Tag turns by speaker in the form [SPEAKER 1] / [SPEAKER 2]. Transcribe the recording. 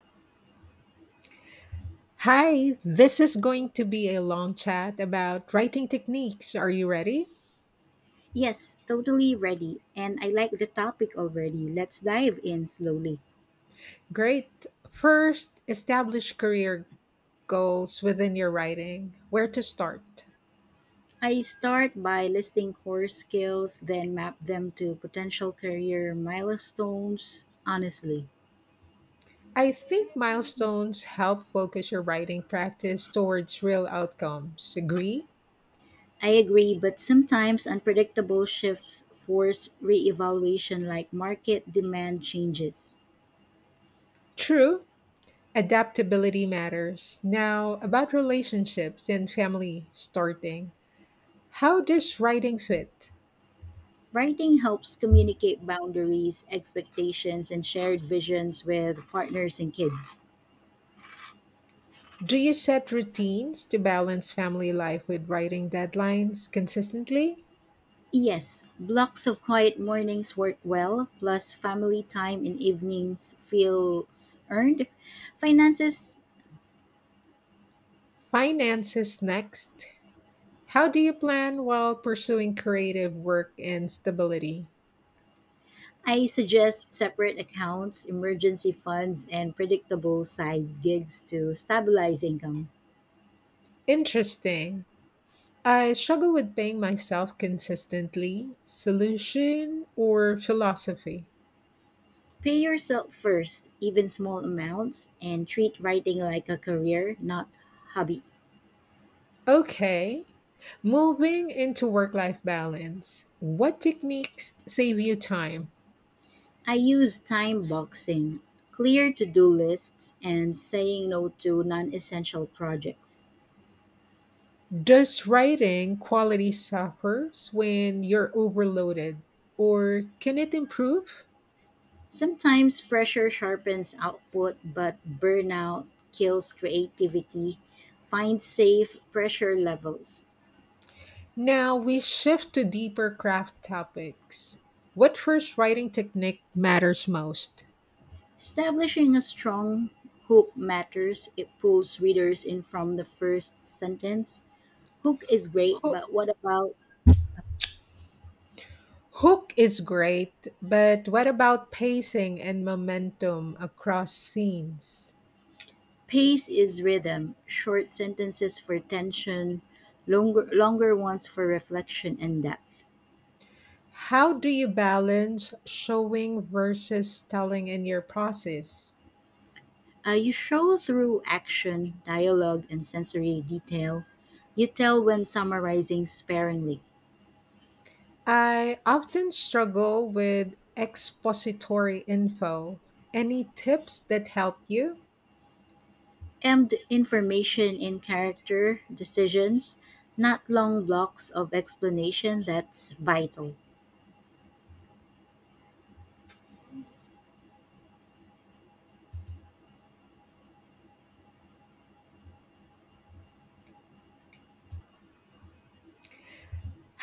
[SPEAKER 1] Hi, this is going to be a long chat about writing techniques. Are you ready?
[SPEAKER 2] Yes, totally ready. And I like the topic already. Let's dive in slowly.
[SPEAKER 1] Great. First, establish career goals within your writing. Where to start?
[SPEAKER 2] I start by listing core skills, then map them to potential career milestones. Honestly,
[SPEAKER 1] I think milestones help focus your writing practice towards real outcomes. Agree?
[SPEAKER 2] I agree, but sometimes unpredictable shifts force reevaluation like market demand changes.
[SPEAKER 1] True. Adaptability matters. Now, about relationships and family starting. How does writing fit?
[SPEAKER 2] Writing helps communicate boundaries, expectations, and shared visions with partners and kids.
[SPEAKER 1] Do you set routines to balance family life with writing deadlines consistently?
[SPEAKER 2] Yes, blocks of quiet mornings work well, plus family time in evenings feels earned. Finances,
[SPEAKER 1] Finances next. How do you plan while pursuing creative work and stability?
[SPEAKER 2] I suggest separate accounts, emergency funds, and predictable side gigs to stabilize income.
[SPEAKER 1] Interesting. I struggle with paying myself consistently. Solution or philosophy?
[SPEAKER 2] Pay yourself first, even small amounts, and treat writing like a career, not hobby.
[SPEAKER 1] Okay. Moving into work life balance. What techniques save you time?
[SPEAKER 2] I use time boxing, clear to-do lists, and saying no to non-essential projects.
[SPEAKER 1] Does writing quality suffers when you're overloaded, or can it improve?
[SPEAKER 2] Sometimes pressure sharpens output, but burnout kills creativity. Find safe pressure levels.
[SPEAKER 1] Now we shift to deeper craft topics. What first writing technique matters most?
[SPEAKER 2] Establishing a strong hook matters. It pulls readers in from the first sentence. Hook is great,
[SPEAKER 1] Hook,
[SPEAKER 2] but what about
[SPEAKER 1] hook is great, but what about pacing and momentum across scenes?
[SPEAKER 2] pace is rhythm? Short sentences for tension, longer ones for reflection and depth.
[SPEAKER 1] How do you balance showing versus telling in your process?
[SPEAKER 2] You show through action, dialogue, and sensory detail. You tell when summarizing sparingly.
[SPEAKER 1] I often struggle with expository info. Any tips that helped you?
[SPEAKER 2] Emd information in character decisions, not long blocks of explanation that's vital.